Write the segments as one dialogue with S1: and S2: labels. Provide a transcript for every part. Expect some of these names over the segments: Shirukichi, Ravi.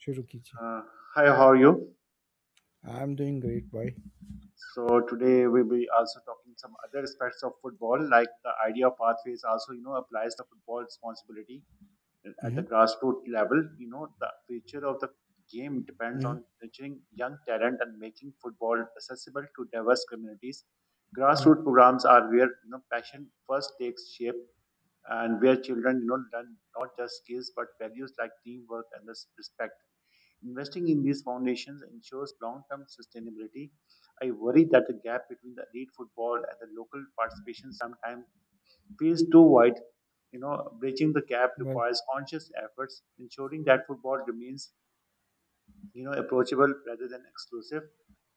S1: Shirukichi.
S2: Uh, Hi, how are you?
S1: I'm doing great, boy.
S2: So today we'll be also talking some other aspects of football, like the idea of pathways also, you know, applies the football responsibility at the
S1: Mm-hmm.
S2: grassroots level. You know, the future of the game depends
S1: Mm-hmm.
S2: on nurturing young talent and making football accessible to diverse communities.
S1: mm
S2: Grassroots programs are where you know passion first takes shape, and where children you know learn not just skills but values like teamwork and this respect. Investing in these foundations ensures long term sustainability. I worry that the gap between the elite football and the local participation sometimes feels too wide. You know, bridging the gap
S1: Well.
S2: requires conscious efforts, ensuring that football remains, you know, approachable rather than exclusive.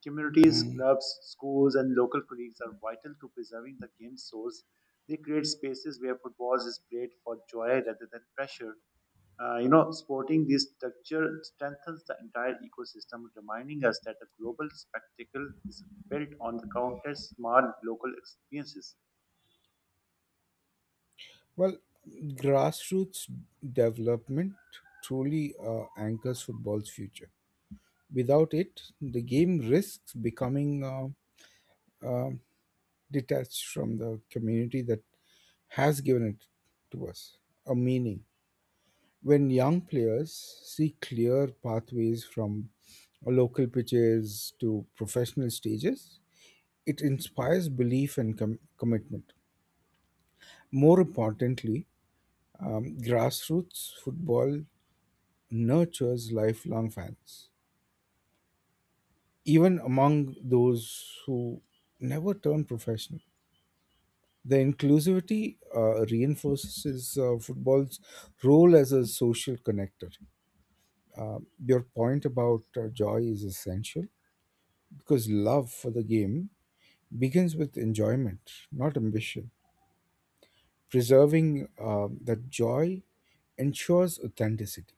S2: Communities,
S1: mm.
S2: clubs, schools, and local colleagues are vital to preserving the game's source. They create spaces where football is played for joy rather than pressure. You know, supporting this structure strengthens the entire ecosystem, reminding us that the global spectacle is built on the countless small local experiences.
S1: Well, grassroots development truly anchors football's future. Without it, the game risks becoming uh, detached from the community that has given it to us a meaning. When young players see clear pathways from local pitches to professional stages, it inspires belief and commitment. More importantly, grassroots football nurtures lifelong fans, even among those who never turn professional. The inclusivity reinforces football's role as a social connector. Your point about joy is essential because love for the game begins with enjoyment, not ambition. Preserving that joy ensures authenticity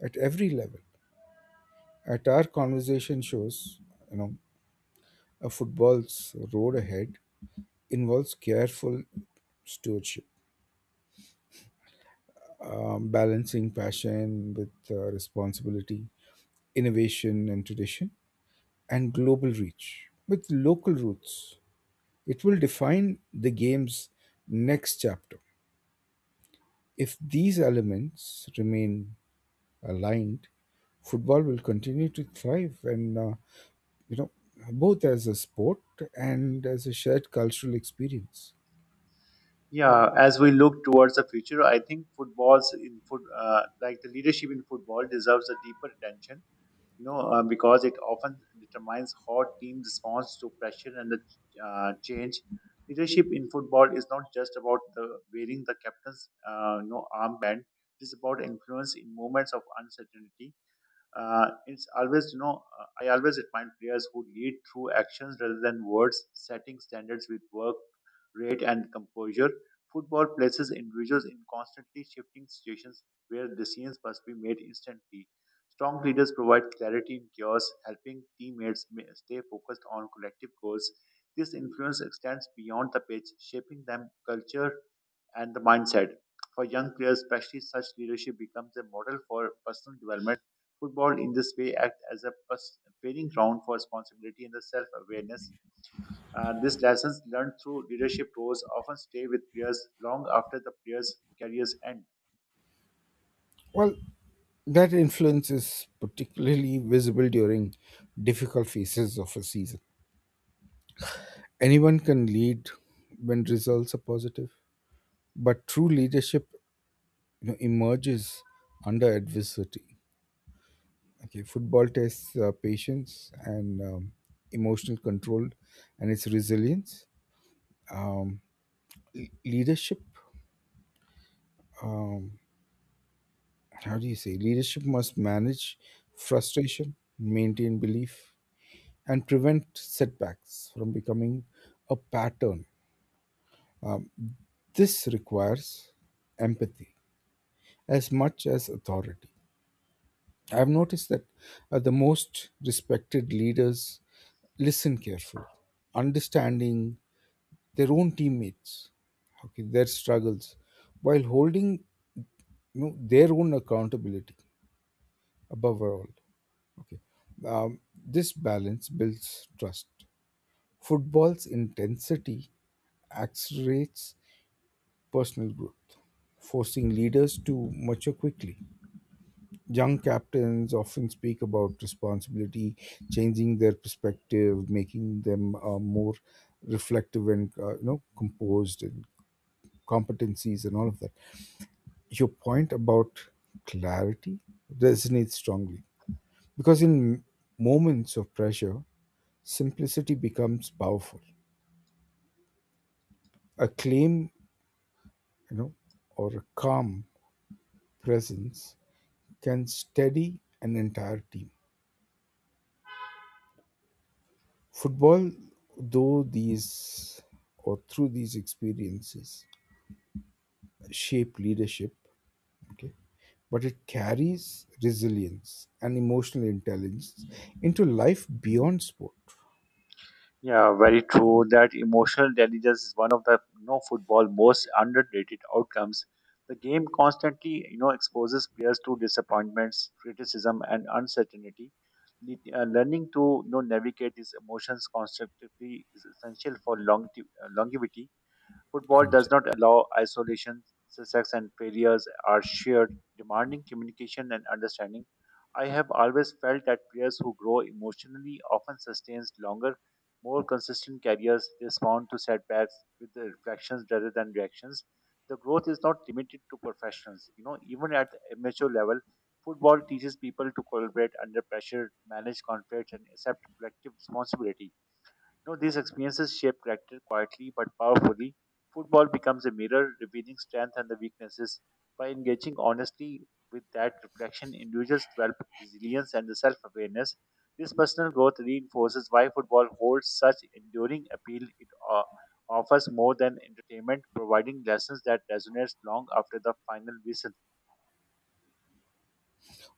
S1: at every level. At our conversation shows, you know, a football's road ahead involves careful stewardship, balancing passion with responsibility, innovation and tradition, and global reach with local roots. It will define the game's next chapter. If these elements remain aligned, football will continue to thrive and you know, both as a sport and as a shared cultural experience.
S2: Yeah, as we look towards the future, I think footballs in like the leadership in football, deserves a deeper attention you know, because it often determines how team responds to pressure and the change. Leadership in football is not just about the wearing the captain's you know, armband. It is about influence in moments of uncertainty. It's always, you know, I always admire players who lead through actions rather than words, setting standards with work rate and composure. Football places individuals in constantly shifting situations where decisions must be made instantly. Strong leaders provide clarity in chaos, helping teammates stay focused on collective goals. This influence extends beyond the pitch, shaping them culture and the mindset. For young players, especially, such leadership becomes a model for personal development. Football, in this way, act as a training ground for responsibility and the self-awareness. These lessons learned through leadership roles often stay with players long after the players' careers end.
S1: Well, that influence is particularly visible during difficult phases of a season. Anyone can lead when results are positive, but true leadership, you know, emerges under adversity. Okay, football tests patience and emotional control and its resilience. Um, Leadership, um, how do you say leadership must manage frustration, maintain belief, and prevent setbacks from becoming a pattern. um, this requires empathy as much as authority. I've noticed that the most respected leaders listen carefully, understanding their own teammates, okay, their struggles, while holding, you know, their own accountability above all. Okay. This balance builds trust. Football's intensity accelerates personal growth, forcing leaders to mature quickly. Young captains often speak about responsibility, changing their perspective, making them more reflective and, you know, composed and competencies and all of that. Your point about clarity resonates strongly because in moments of pressure simplicity becomes powerful. A claim, you know, or a calm presence can steady an entire team. Football, though these or through these experiences, shape leadership. Okay, but it carries resilience and emotional intelligence into life beyond sport.
S2: Yeah, very true. That emotional intelligence is one of the you know, football most underrated outcomes. The game constantly, you know, exposes players to disappointments, criticism, and uncertainty. Learning to you know navigate these emotions constructively is essential for longevity. Football does
S1: Anjay.
S2: not allow isolation, success and failures are shared, demanding communication and understanding. I have always felt that players who grow emotionally often sustain longer, more consistent careers. They respond to setbacks with the reflections rather than reactions. The growth is not limited to professionals. You know, even at amateur level, football teaches people to collaborate under pressure, manage conflicts, and accept collective responsibility. You know, these experiences shape character quietly but powerfully. Football becomes a mirror, revealing strength and the weaknesses. By engaging honestly with that reflection, individuals develop resilience and the self-awareness. This personal growth reinforces why football holds such enduring appeal. Offers more than entertainment, providing lessons that resonate long after the final whistle.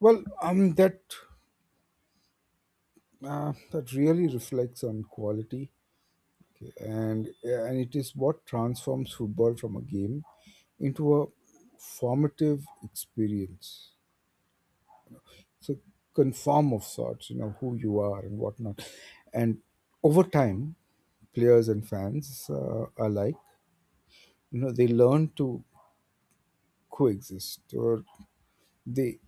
S1: Well, that that really reflects on quality and it is what transforms football from a game into a formative experience. So, conform of sorts, you know, who you are and whatnot. And over time, players and fans alike, you know, they learn to coexist or they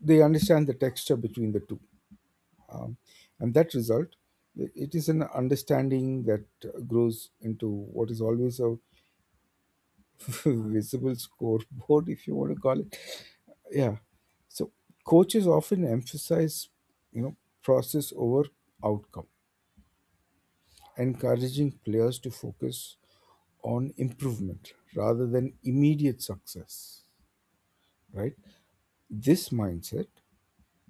S1: they understand the texture between the two. Um, and that result, it is an understanding that grows into what is always a visible scoreboard, if you want to call it. Yeah. So coaches often emphasize, you know, process over outcome, encouraging players to focus on improvement rather than immediate success, right? This mindset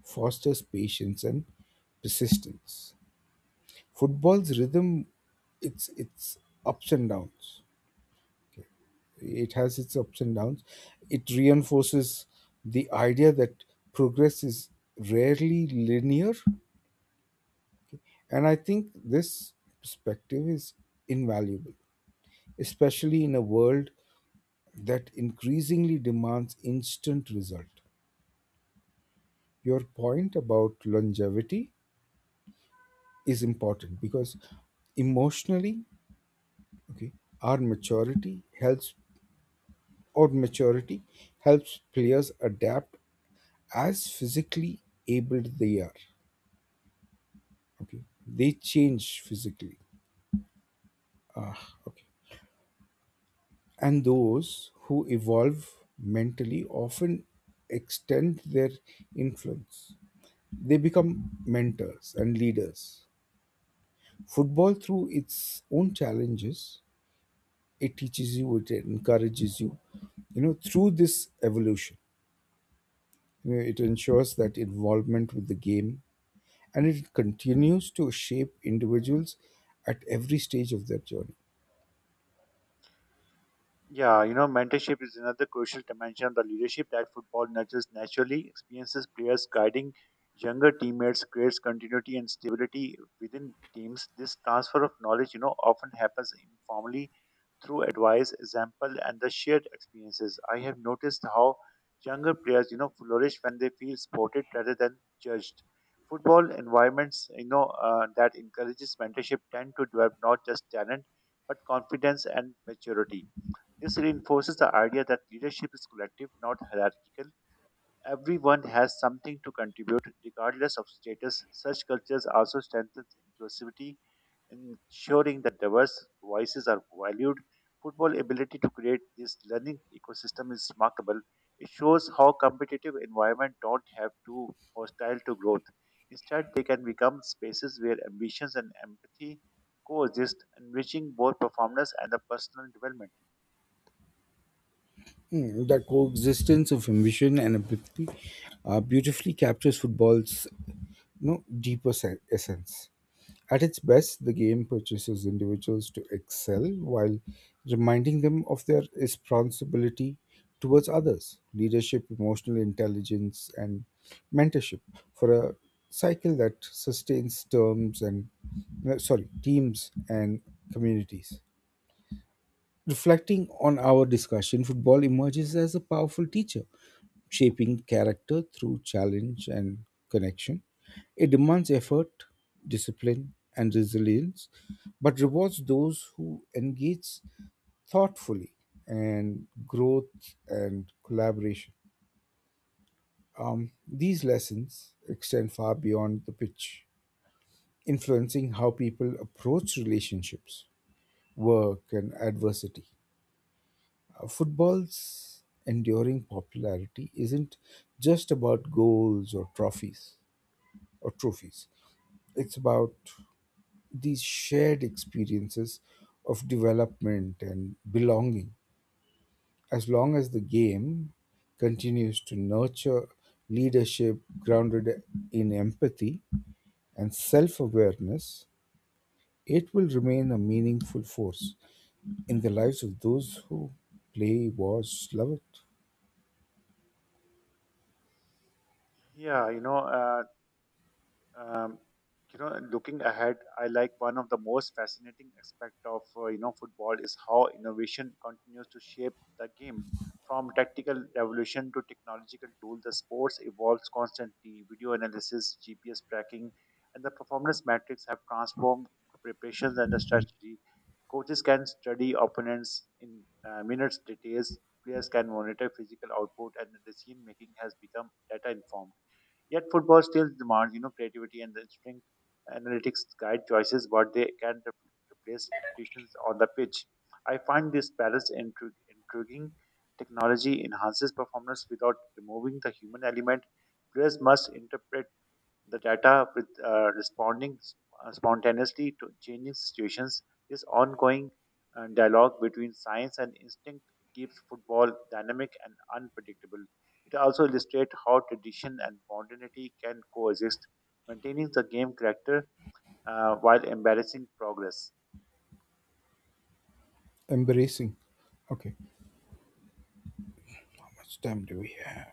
S1: fosters patience and persistence. Football's rhythm, it's ups and downs, It has its ups and downs. It reinforces the idea that progress is rarely linear, and I think this perspective is invaluable, especially in a world that increasingly demands instant result. Your point about longevity is important because emotionally okay our maturity helps or maturity helps players adapt as physically able they are. Okay, they change physically. ah okay and those who evolve mentally often extend their influence. They become mentors and leaders. Football, through its own challenges, it teaches you it encourages you, you know, through this evolution, you know, it ensures that involvement with the game and it continues to shape individuals at every stage of their journey.
S2: Yeah, you know, mentorship is another crucial dimension of the leadership that football nurtures naturally, experiences players guiding younger teammates, creates continuity and stability within teams. This transfer of knowledge, you know, often happens informally through advice, example, and the shared experiences. I have noticed how younger players, you know, flourish when they feel supported rather than judged. Football environments, you know, that encourages mentorship tend to develop not just talent but confidence and maturity. This reinforces the idea that leadership is collective, not hierarchical. Everyone has something to contribute, regardless of status. Such cultures also strengthen inclusivity, ensuring that diverse voices are valued. Football's ability to create this learning ecosystem is remarkable. It shows how competitive environments don't have to hostile to growth. Instead, they can become spaces where ambitions and empathy coexist, enriching both performance and the personal development.
S1: Mm, the coexistence of ambition and empathy beautifully captures football's, you know, essence. At its best, the game purchases individuals to excel while reminding them of their responsibility towards others. Leadership, emotional intelligence, and mentorship for a cycle that sustains terms and no, sorry teams and communities. Reflecting on our discussion, football emerges as a powerful teacher, shaping character through challenge and connection. It demands effort, discipline, and resilience, but rewards those who engage thoughtfully and growth and collaboration. These lessons extend far beyond the pitch, influencing how people approach relationships, work, and adversity. Football's enduring popularity isn't just about goals or trophies. It's about these shared experiences of development and belonging. As long as the game continues to nurture leadership grounded in empathy and self awareness, it will remain a meaningful force in the lives of those who play, watch, love it,
S2: Yeah, you know, uh, um, you know, looking ahead, I like one of the most fascinating aspect of you know football is how innovation continues to shape the game. From tactical revolution to technological tool, the sports evolves constantly. Video analysis, GPS tracking, and the performance metrics have transformed preparations and the strategy. Coaches can study opponents in minutes details. Players can monitor physical output, and the decision making has become data informed. Yet football still demands, you know, creativity and the instinct. Analytics guide choices, but they can replace intuitions on the pitch. I find this balance intriguing. Technology enhances performance without removing the human element. Players must interpret the data with responding spontaneously to changing situations. This ongoing dialogue between science and instinct keeps football dynamic and unpredictable. It also illustrates how tradition and modernity can coexist, maintaining the game character while embarrassing progress.
S1: embracing. Okay. Much time do we have?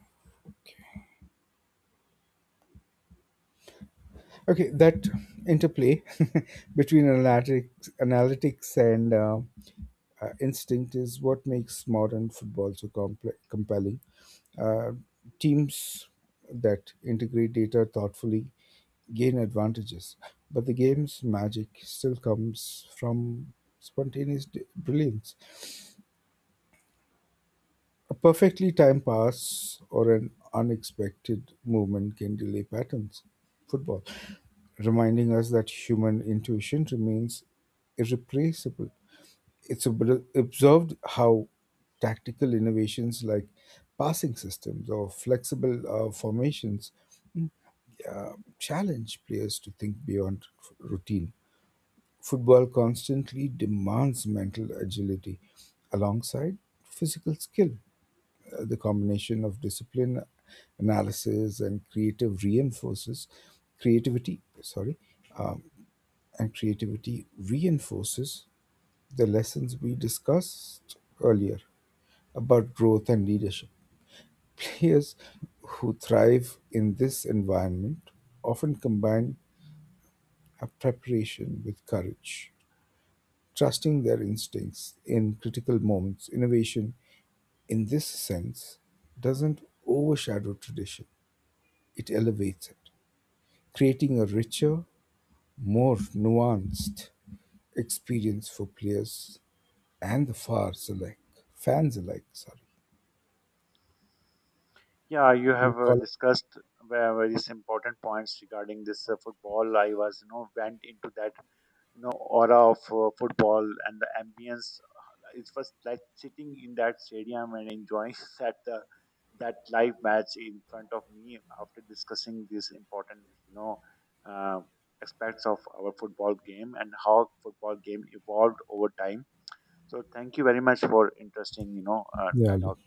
S1: Okay, that interplay between analytics and instinct is what makes modern football so compelling. Uh, Teams that integrate data thoughtfully gain advantages, but the game's magic still comes from spontaneous brilliance. A perfectly timed pass or an unexpected movement can delay patterns. Football, reminding us that human intuition remains irreplaceable. It's observed how tactical innovations like passing systems or flexible formations mm, uh, challenge players to think beyond routine. Football constantly demands mental agility alongside physical skill. The combination of discipline, analysis, and creative reinforces creativity. Sorry, um, and creativity reinforces the lessons we discussed earlier about growth and leadership. Players who thrive in this environment often combine a preparation with courage, trusting their instincts in critical moments. Innovation, in this sense, doesn't overshadow tradition, it elevates it, creating a richer, more nuanced experience for players and the Fans alike, sorry.
S2: Yeah, you
S1: We'll
S2: have
S1: call it.
S2: discussed various important points regarding this football. I was, you know, went into that you know aura of football and the ambience. It was like sitting in that stadium and enjoying that that live match in front of me after discussing these important you know uh, aspects of our football game and how football game evolved over time. So thank you very much for interesting you know
S1: Yeah,
S2: dialogue.